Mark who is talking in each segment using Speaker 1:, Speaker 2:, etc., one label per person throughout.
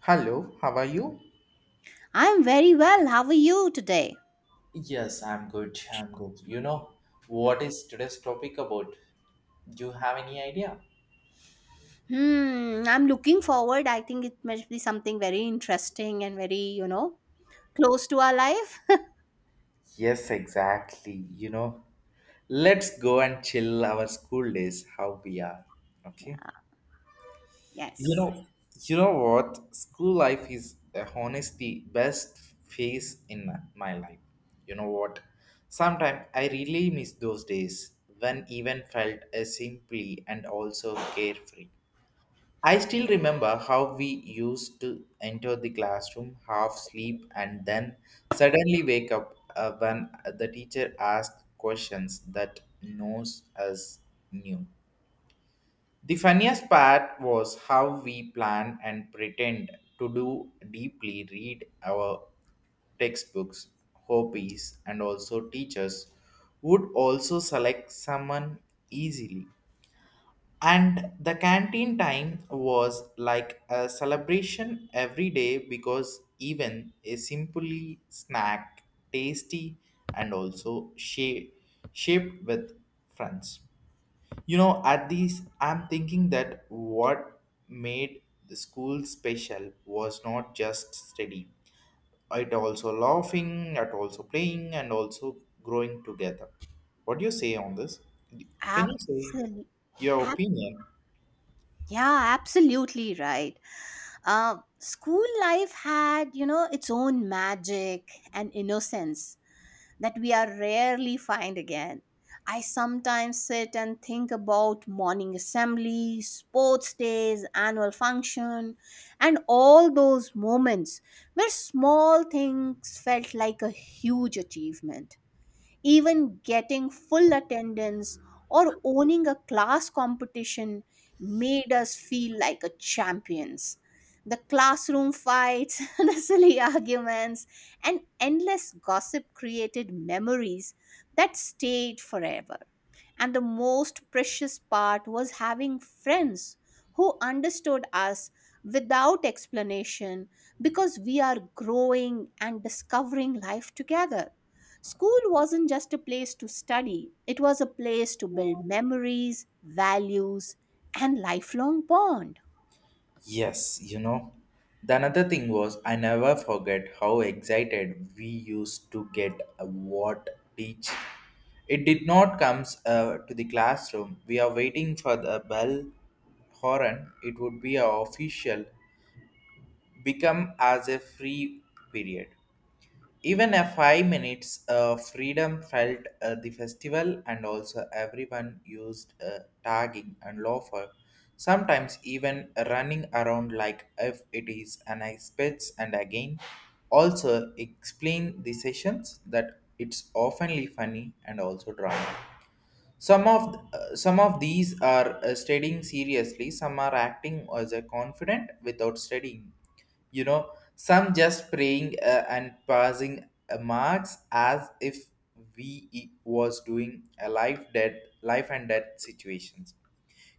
Speaker 1: Hello, how are you?
Speaker 2: I'm very well. How are you today?
Speaker 1: Yes, I'm good. I'm good. You know, what is today's topic about? Do you have any idea?
Speaker 2: Hmm, I'm looking forward. I think it must be something very interesting and very, close to our life.
Speaker 1: Yes, exactly. You know, let's go and chill our school days, how we are. Okay.
Speaker 2: Yeah.
Speaker 1: You
Speaker 2: Yes.
Speaker 1: know, you know what? School life is honestly best phase in my life. You know what? Sometimes I really miss those days when even felt as simply and also carefree. I still remember how we used to enter the classroom, half sleep, and then suddenly wake up when the teacher asked questions that knows us knew. The funniest part was how we plan and pretend to do deeply read our textbooks, hobbies, and also teachers would also select someone easily and the canteen time was like a celebration every day because even a simply snack, tasty and also shaped with friends. You know, at these, I'm thinking that what made the school special was not just study, it also laughing, at also playing, and also growing together. What do you say on this? Can you say
Speaker 2: Absolutely.
Speaker 1: your opinion?
Speaker 2: Yeah, absolutely right. School life had, you know, its own magic and innocence. That we are rarely find again. I sometimes sit and think about morning assemblies, sports days, annual function, and all those moments where small things felt like a huge achievement. Even getting full attendance or owning a class competition made us feel like a champions. The classroom fights, the silly arguments, and endless gossip created memories that stayed forever. And the most precious part was having friends who understood us without explanation because we are growing and discovering life together. School wasn't just a place to study, it was a place to build memories, values, and lifelong bond.
Speaker 1: Yes, you know. The another thing was I never forget how excited we used to get a what teach. It did not comes to the classroom. We are waiting for the bell horn. It would be a official become as a free period. Even a 5 minutes freedom felt the festival and also everyone used tagging and loafer, sometimes even running around like if it is an expense and again also explain the sessions that it's oftenly funny and also drama. Some of these are studying seriously. Some are acting as a confident without studying. You know, some just praying and passing marks as if we was doing a life and death situations.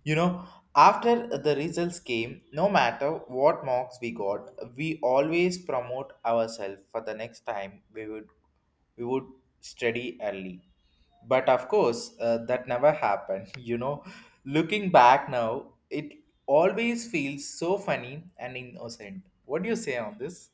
Speaker 1: You know, after the results came, no matter what marks we got, we always promote ourselves for the next time we would study early. But of course, that never happened. You know, looking back now, it always feels so funny and innocent. What do you say on this?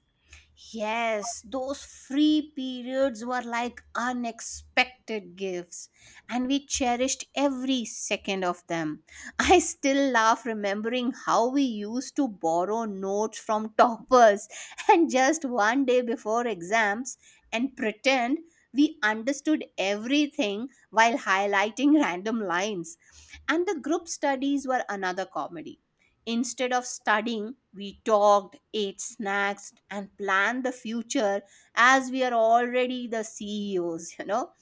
Speaker 2: Yes, those free periods were like unexpected gifts, and we cherished every second of them. I still laugh remembering how we used to borrow notes from toppers and just one day before exams and pretend we understood everything while highlighting random lines. And the group studies were another comedy. Instead of studying, we talked, ate snacks, and planned the future as we are already the CEOs, you know,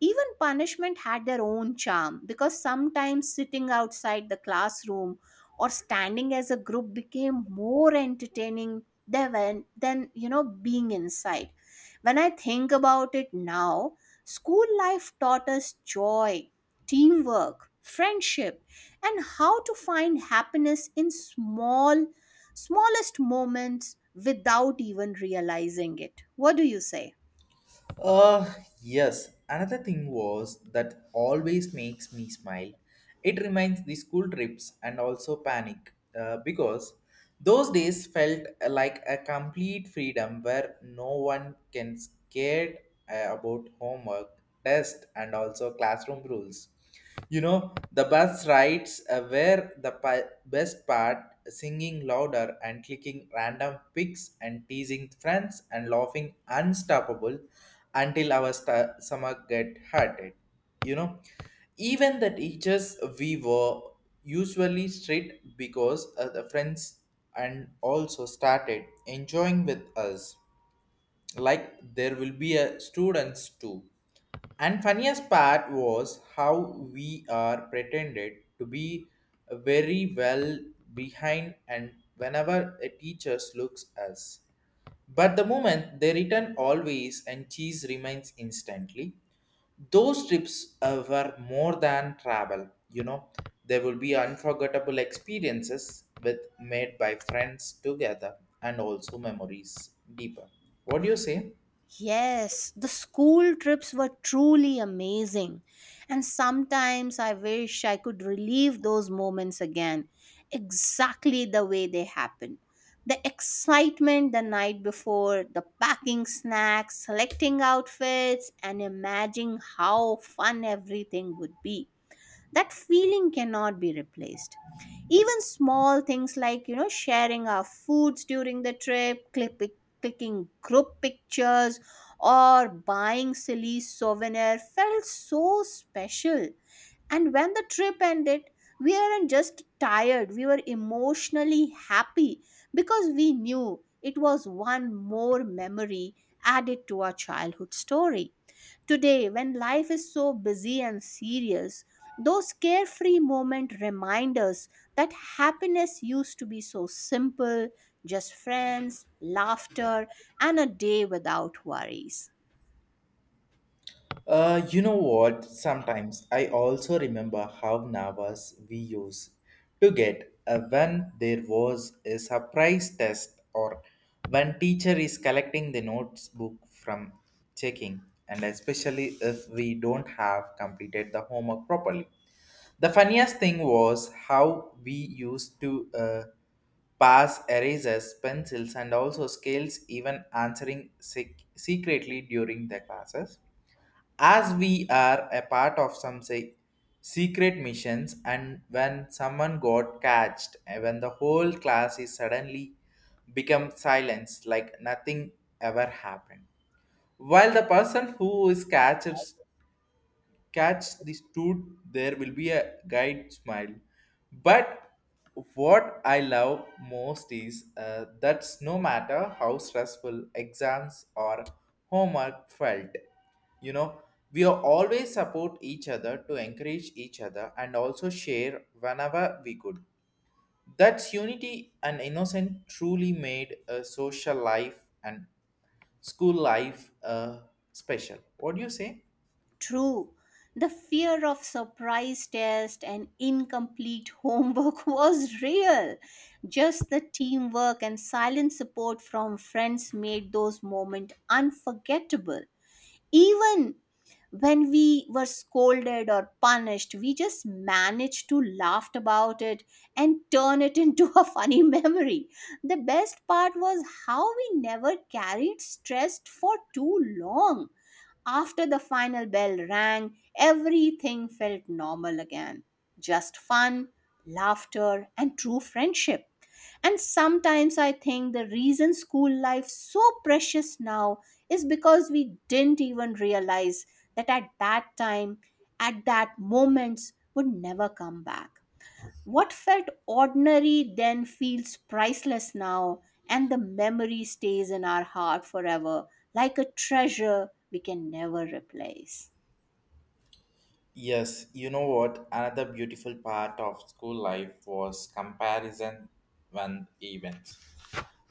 Speaker 2: even punishment had their own charm because sometimes sitting outside the classroom or standing as a group became more entertaining than being inside. When I think about it now, school life taught us joy, teamwork, friendship, and how to find happiness in smallest moments without even realizing it. What do you say?
Speaker 1: Uh, yes. Another thing was that always makes me smile. It reminds the school trips and also panic because those days felt like a complete freedom where no one can scared about homework, test, and also classroom rules. You know, the bus rides were the best part, singing louder and clicking random pics and teasing friends and laughing unstoppable until our sta stomach get hurted. You know, even the teachers we were usually strict because the friends and also started enjoying with us like there will be a students too and funniest part was how we are pretended to be very well behind and whenever a teacher looks us. But the moment they return always and cheese remains instantly. Those trips were more than travel, you know. There will be unforgettable experiences with made by friends together and also memories deeper. What do you say?
Speaker 2: Yes, the school trips were truly amazing. And sometimes I wish I could relive those moments again, exactly the way they happened. The excitement the night before, the packing snacks, selecting outfits, and imagining how fun everything would be, that feeling cannot be replaced. Even small things like, you know, sharing our foods during the trip clicking group pictures or buying silly souvenir felt so special. And when the trip ended, we weren't just tired, we were emotionally happy because we knew it was one more memory added to our childhood story. Today, when life is so busy and serious, those carefree moments remind us that happiness used to be so simple, just friends, laughter, and a day without worries.
Speaker 1: You know what? Sometimes I also remember how nervous we used to get when there was a surprise test or when teacher is collecting the notes book from checking and especially if we don't have completed the homework properly. The funniest thing was how we used to pass erasers, pencils, and also scales, even answering secretly during the classes as we are a part of some secret missions and when someone got catched and when the whole class is suddenly become silence like nothing ever happened while the person who is catch this truth, there will be a guide smile. But what I love most is that's no matter how stressful exams or homework felt, you know, we are always support each other to encourage each other and also share whenever we could. That's unity and innocent truly made a social life and school life special. What do you say?
Speaker 2: True, the fear of surprise test and incomplete homework was real. Just the teamwork and silent support from friends made those moments unforgettable. Even when we were scolded or punished, we just managed to laugh about it and turn it into a funny memory. The best part was how we never carried stress for too long. After the final bell rang, everything felt normal again. Just fun, laughter, and true friendship. And sometimes I think the reason school life so precious now is because we didn't even realize that at that time, at that moments would never come back. What felt ordinary then feels priceless now, and the memory stays in our heart forever like a treasure we can never replace.
Speaker 1: Yes, you know what? Another beautiful part of school life was comparison when events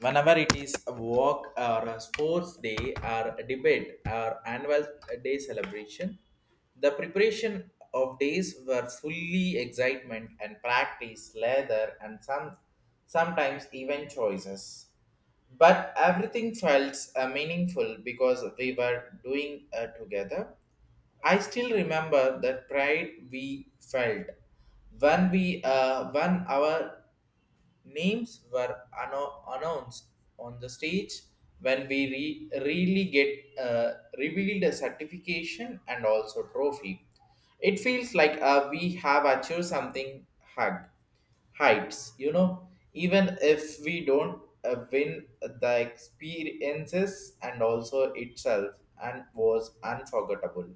Speaker 1: whenever it is a walk or a sports day or a debate or annual day celebration the preparation of days were fully excitement and practice leather and sometimes even choices but everything felt meaningful because we were doing together. I still remember the pride we felt when we won our. Names were announced on the stage when we really get revealed a certification and also trophy. It feels like we have achieved something hug heights, you know, even if we don't win the experiences and also itself and was unforgettable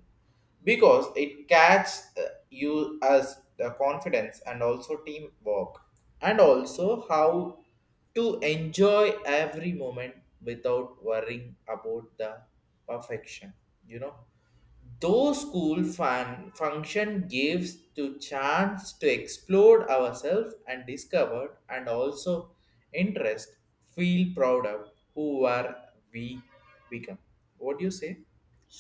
Speaker 1: because it catches you as the confidence and also teamwork and also how to enjoy every moment without worrying about the perfection, you know, those school fun function gives to chance to explore ourselves and discover and also interest feel proud of who are we become. What do you say?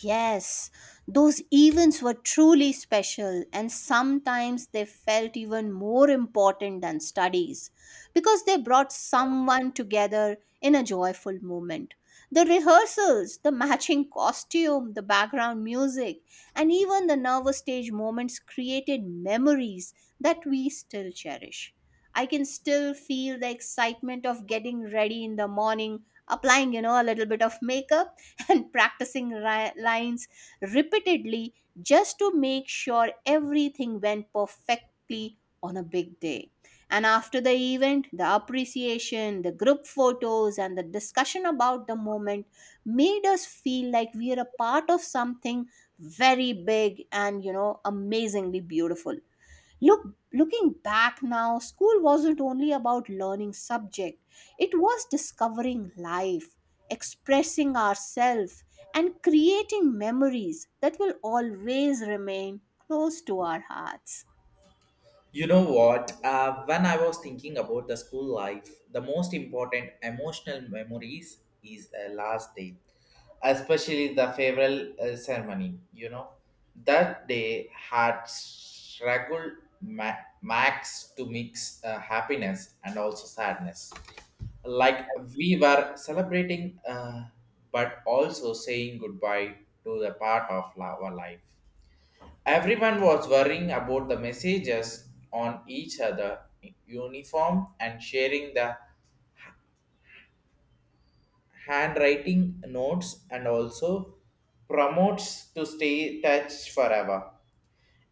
Speaker 2: Yes, those events were truly special, and sometimes they felt even more important than studies because they brought someone together in a joyful moment. The rehearsals, the matching costume, the background music, and even the nervous stage moments created memories that we still cherish. I can still feel the excitement of getting ready in the morning, applying, you know, a little bit of makeup and practicing lines repeatedly just to make sure everything went perfectly on a big day. And after the event, the appreciation, the group photos, and the discussion about the moment made us feel like we are a part of something very big and, you know, amazingly beautiful. Look, Looking back now, school wasn't only about learning subject. It was discovering life, expressing ourselves, and creating memories that will always remain close to our hearts.
Speaker 1: You know what? When I was thinking about the school life, the most important emotional memories is the last day, especially the farewell ceremony. You know, that day had struggled Max to mix happiness and also sadness. Like we were celebrating, but also saying goodbye to the part of our life. Everyone was worrying about the messages on each other uniform and sharing the handwriting notes and also promotes to stay touch forever.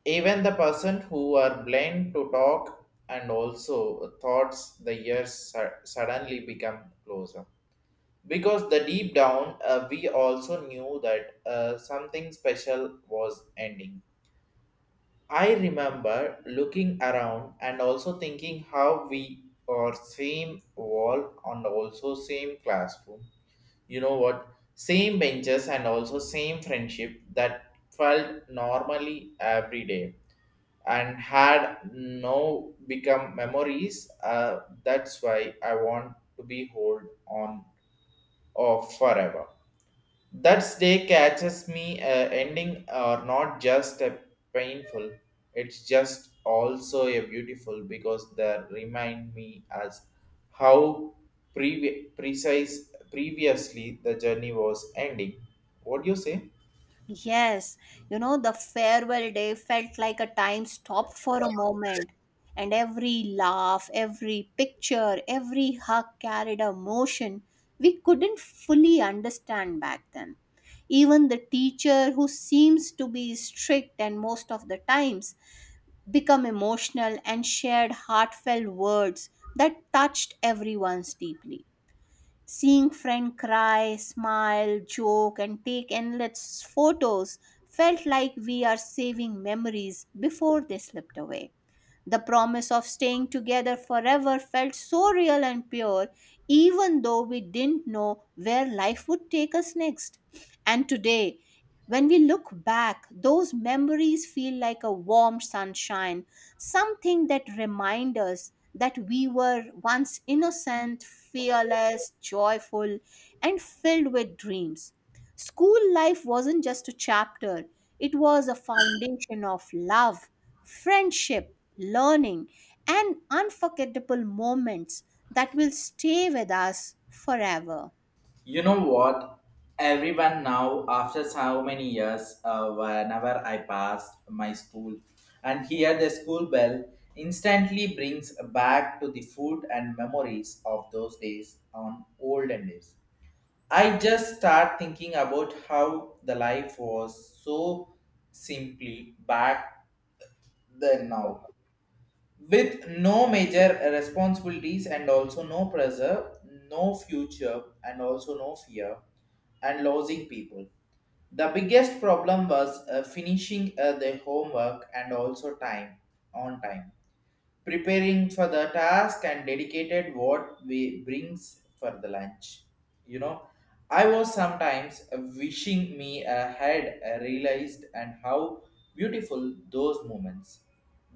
Speaker 1: Even the person who were blind to talk and also thoughts the years suddenly become closer. Because the deep down, we also knew that something special was ending. I remember looking around and also thinking how we are same wall and also same classroom. You know what? Same benches and also same friendship that felt normally every day and had no become memories. That's why I want to be hold on of forever. That day catches me ending are not just a painful, it's just also a beautiful because they remind me as how previ- precise previously the journey was ending. What do you say?
Speaker 2: Yes, you know, the farewell day felt like a time stop for a moment, and every laugh, every picture, every hug carried a motion we couldn't fully understand back then. Even the teacher, who seems to be strict and most of the times, become emotional and shared heartfelt words that touched everyone's deeply. Seeing friend cry, smile, joke and take endless photos felt like we are saving memories before they slipped away. The promise of staying together forever felt so real and pure, even though we didn't know where life would take us next. And today, when we look back, those memories feel like a warm sunshine, something that reminds us that we were once innocent, fearless, joyful, and filled with dreams. School life wasn't just a chapter, it was a foundation of love, friendship, learning, and unforgettable moments that will stay with us forever.
Speaker 1: You know what? Everyone now, after so many years, whenever I passed my school and hear the school bell, instantly brings back to the food and memories of those days on olden days. I just start thinking about how the life was so simply back then now with no major responsibilities and also no pressure, no future, and also no fear, and losing people. The biggest problem was finishing the homework and also time on time preparing for the task and dedicated what we brings for the lunch, you know, I was sometimes wishing me I had realized and how beautiful those moments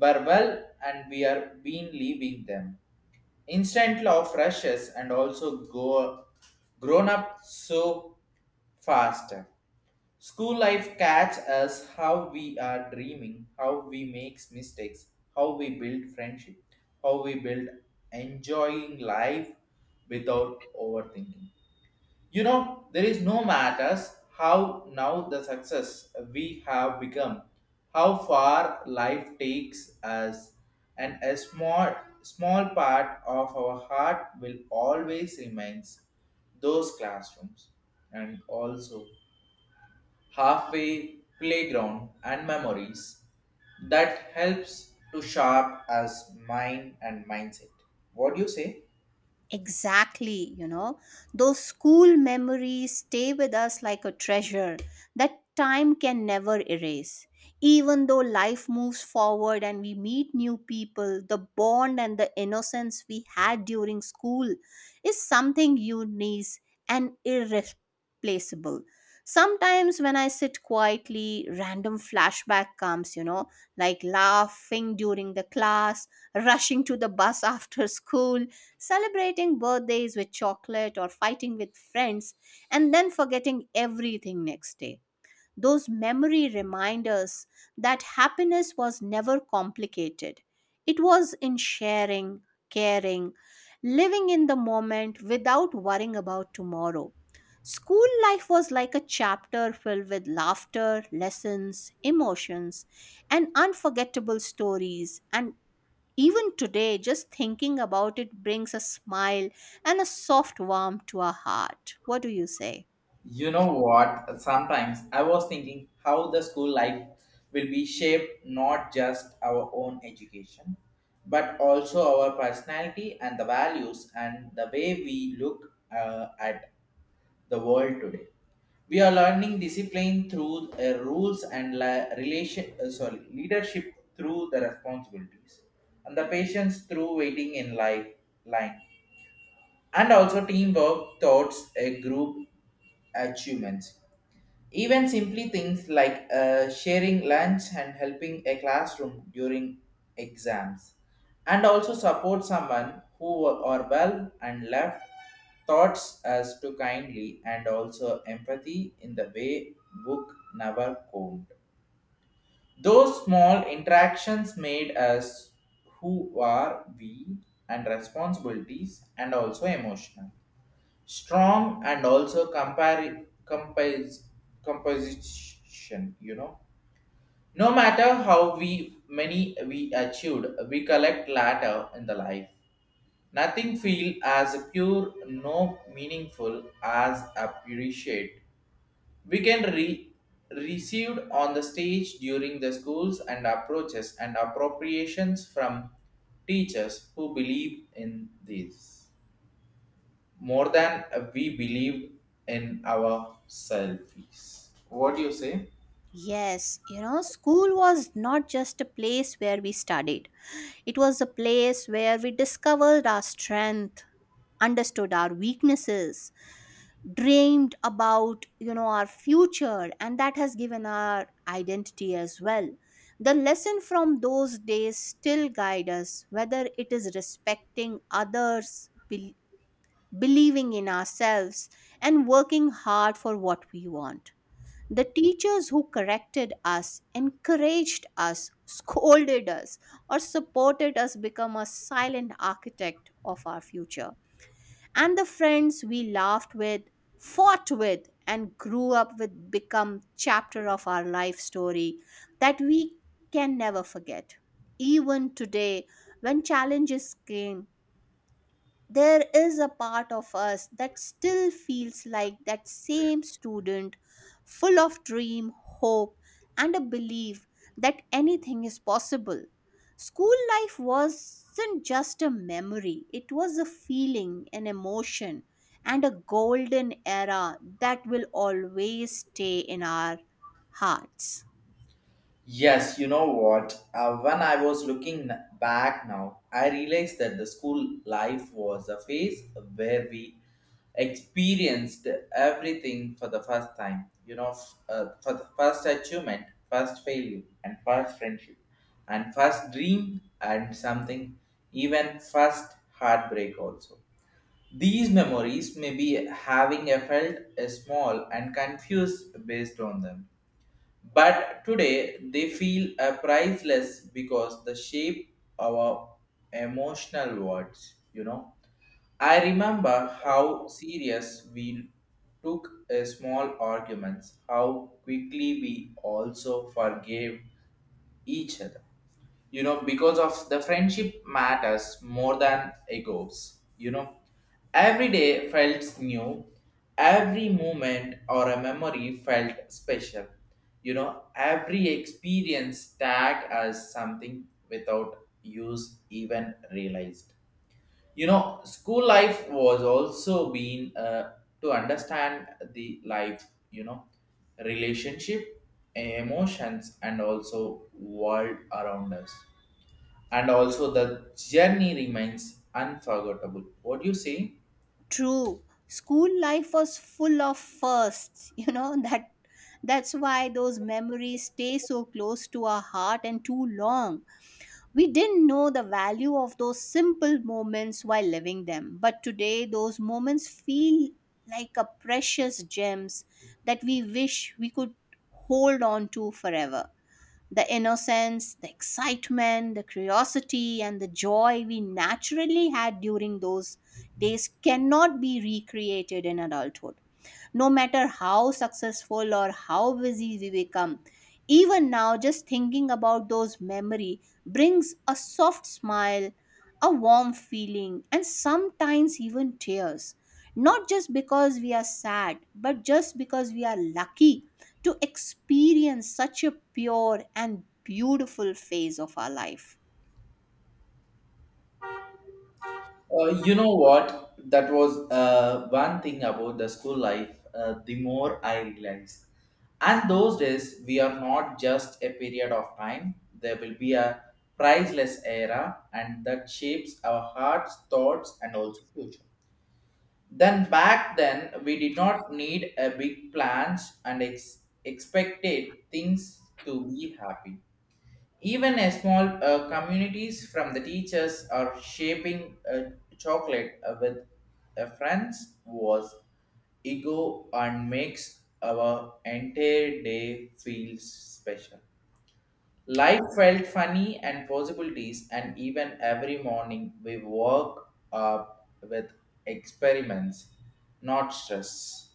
Speaker 1: were well and we are been leaving them instant love rushes and also go grown up so fast. School life catch us how we are dreaming, how we make mistakes, how we build friendship, how we build enjoying life without overthinking. You know, there is no matters how now the success we have become, how far life takes us, and a small part of our heart will always remains those classrooms and also halfway playground and memories that helps to sharp as mind and mindset. What do you say?
Speaker 2: Exactly, you know, those school memories stay with us like a treasure that time can never erase. Even though life moves forward and we meet new people, the bond and the innocence we had during school is something unique and irreplaceable. Sometimes when I sit quietly, random flashback comes, you know, like laughing during the class, rushing to the bus after school, celebrating birthdays with chocolate or fighting with friends, and then forgetting everything next day, those memory reminders that happiness was never complicated. It was in sharing, caring, living in the moment without worrying about tomorrow. School life was like a chapter filled with laughter, lessons, emotions, and unforgettable stories. And even today, just thinking about it brings a smile and a soft warmth to our heart. What do you say?
Speaker 1: You know what? Sometimes I was thinking how the school life will be shaped not just our own education but also our personality and the values and the way we look at the world today. We are learning discipline through rules and leadership through the responsibilities, and the patience through waiting in life line, and also teamwork thoughts a group achievements. Even simply things like sharing lunch and helping a classroom during exams, and also support someone who are well and left thoughts as to kindly and also empathy in the way book never could. Those small interactions made us who are we and responsibilities and also emotional strong and also compare compose composition, you know, no matter how we many we achieved we collect latter in the life nothing feel as pure no meaningful as appreciate we can re received on the stage during the schools and approaches and appropriations from teachers who believe in this more than we believe in ourselves. What do you say?
Speaker 2: Yes, you know, school was not just a place where we studied. It was a place where we discovered our strength, understood our weaknesses, dreamed about, you know, our future, and that has given our identity as well. The lesson from those days still guide us, whether it is respecting others, believing in ourselves, and working hard for what we want. The teachers who corrected us, encouraged us, scolded us, or supported us become a silent architect of our future. And the friends we laughed with, fought with, and grew up with become chapter of our life story that we can never forget. Even today, when challenges came, there is a part of us that still feels like that same student, full of dream, hope, and a belief that anything is possible. School life wasn't just a memory, it was a feeling, an emotion, and a golden era that will always stay in our hearts.
Speaker 1: Yes, you know what? When I was looking back now, I realized that the school life was a phase where we experienced everything for the first time. You know, for the first achievement, first failure, and first friendship, and first dream, and something, even first heartbreak also. These memories may be having a felt a small and confused based on them. But today they feel a priceless because the shape our emotional words, you know. I remember how serious we took a small arguments, how quickly we also forgave each other. You know, because of the friendship matters more than egos. You know, every day felt new, every moment or a memory felt special. You know, every experience tagged as something without use even realized, you know, school life was also been to understand the life, you know, relationship, emotions, and also world around us, and also the journey remains unforgettable. What do you say?
Speaker 2: True. School life was full of firsts, you know, that that's why those memories stay so close to our heart and too long. We didn't know the value of those simple moments while living them, but today those moments feel like a precious gems that we wish we could hold on to forever. The innocence, the excitement, the curiosity, and the joy we naturally had during those days cannot be recreated in adulthood no matter how successful or how busy we become. Even now, just thinking about those memory brings a soft smile, a warm feeling, and sometimes even tears. Not just because we are sad, but just because we are lucky to experience such a pure and beautiful phase of our life.
Speaker 1: You know what? That was one thing about the school life. The more I realized, and those days we are not just a period of time. There will be a priceless era, and that shapes our hearts, thoughts, and also future. Then back then we did not need a big plans and expected things to be happy. Even a small communities from the teachers are shaping chocolate with friends was ego and makes our entire day feel special. Life felt funny and possibilities, and even every morning we woke up with experiments, not stress.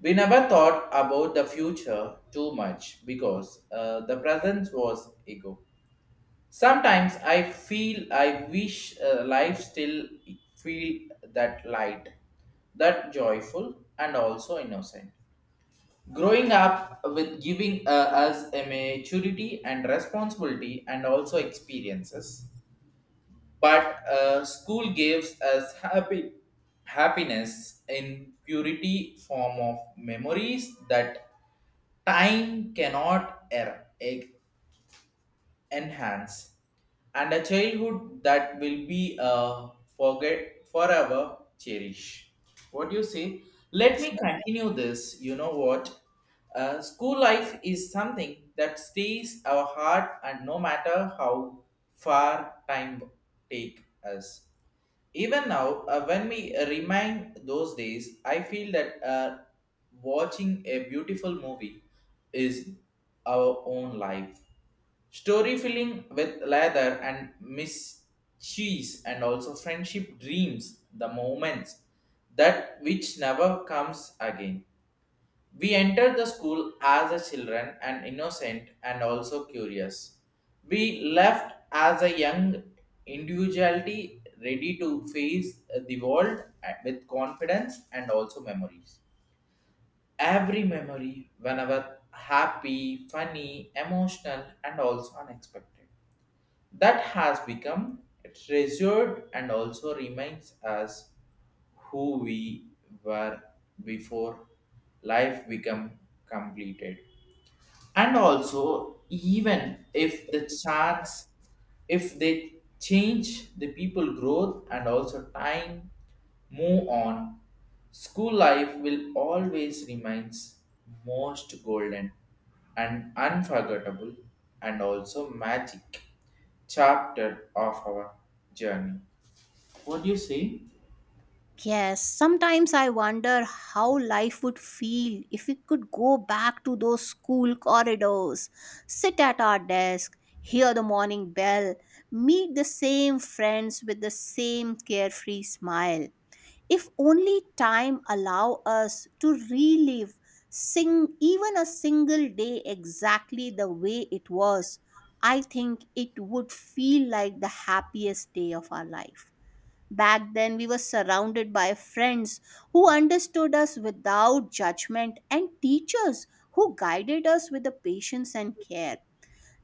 Speaker 1: We never thought about the future too much because the present was ego. Sometimes I feel I wish life still feel that light, that joyful and also innocent. Growing up with giving us a maturity and responsibility and also experiences, but school gives us happy happiness in purity form of memories that time cannot enhance, and a childhood that will be forget forever cherish. What do you say? Let me continue this, you know what, school life is something that stays our heart, and no matter how far time take us, even now when we remind those days, I feel that watching a beautiful movie is our own life story filling with leather and Miss Cheese and also friendship dreams, the moments that which never comes again. We entered the school as a children and innocent and also curious. We left as a young individuality ready to face the world with confidence and also memories. Every memory, whenever happy, funny, emotional, and also unexpected, that has become treasured and also remains as who we were before life become completed, and also even if the chance, if they change the people growth and also time move on, school life will always remains most golden and unforgettable and also magic chapter of our journey. What do you say?
Speaker 2: Yes, sometimes I wonder how life would feel if we could go back to those school corridors, sit at our desk, hear the morning bell, meet the same friends with the same carefree smile. If only time allow us to relive sing even a single day exactly the way it was, I think it would feel like the happiest day of our life. Back then, we were surrounded by friends who understood us without judgment and teachers who guided us with the patience and care.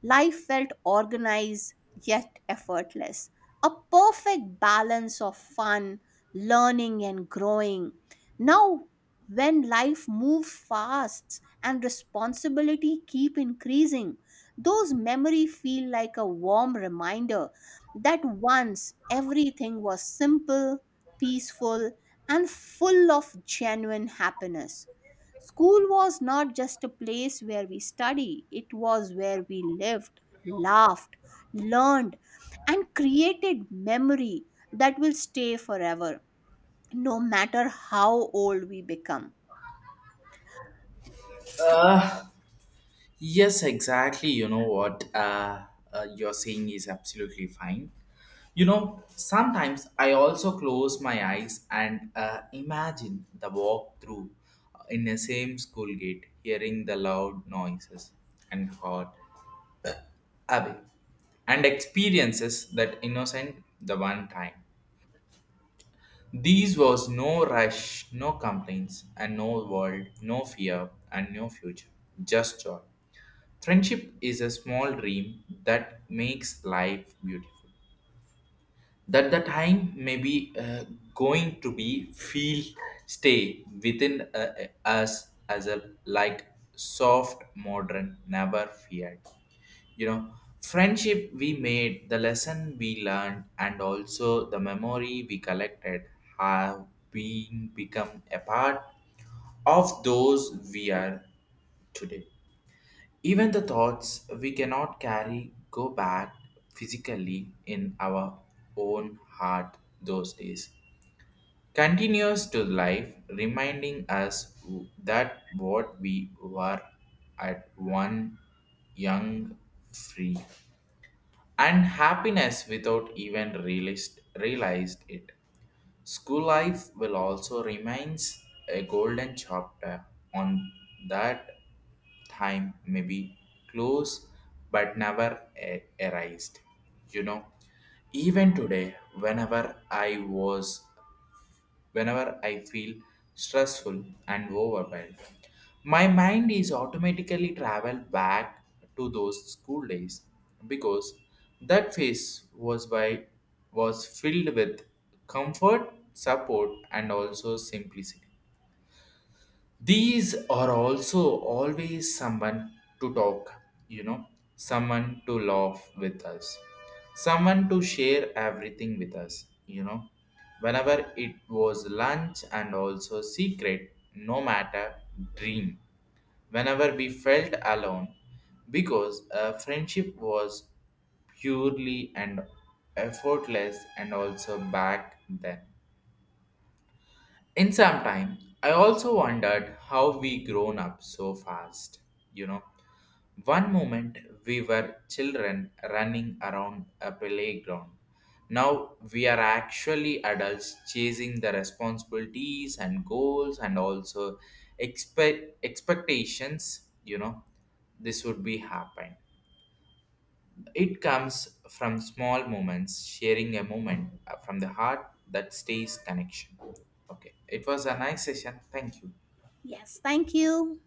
Speaker 2: Life felt organized yet effortless. A perfect balance of fun, learning, and growing. Now, when life moves fast and responsibility keep increasing, those memories feel like a warm reminder that once everything was simple, peaceful, and full of genuine happiness. School was not just a place where we study, it was where we lived, laughed, learned, and created memory that will stay forever, no matter how old we become.
Speaker 1: Yes, exactly, you know what, you're saying is absolutely fine. You know, sometimes I also close my eyes and imagine the walk through in the same school gate, hearing the loud noises and hot away, and experiences that innocent the one time. These was no rush, no complaints, and no world, no fear, and no future, just joy. Friendship is a small dream that makes life beautiful. That the time may be going to be feel stay within us as a like soft modern never feared, you know, friendship we made, the lesson we learned, and also the memory we collected have been become a part of those we are today. Even the thoughts we cannot carry go back physically in our own heart those days. Continues to life, reminding us that what we were at one, young, free, and happiness without even realized, realized it. School life will also remains a golden chapter on that time may be close but never erased. You know, even today, whenever I feel stressful and overwhelmed. My mind is automatically traveled back to those school days because that phase was by was filled with comfort, support, and also simplicity. These are also always someone to talk, you know, someone to laugh with us, someone to share everything with us, you know, whenever it was lunch and also secret no matter dream, whenever we felt alone, because friendship was purely and effortless and also back then in some time I also wondered how we grown up so fast, you know, one moment we were children running around a playground, now we are actually adults chasing the responsibilities and goals and also expectations, you know, this would be happen. It comes from small moments, sharing a moment from the heart that stays connection. Okay, it was a nice session. Thank you.
Speaker 2: Yes, thank you.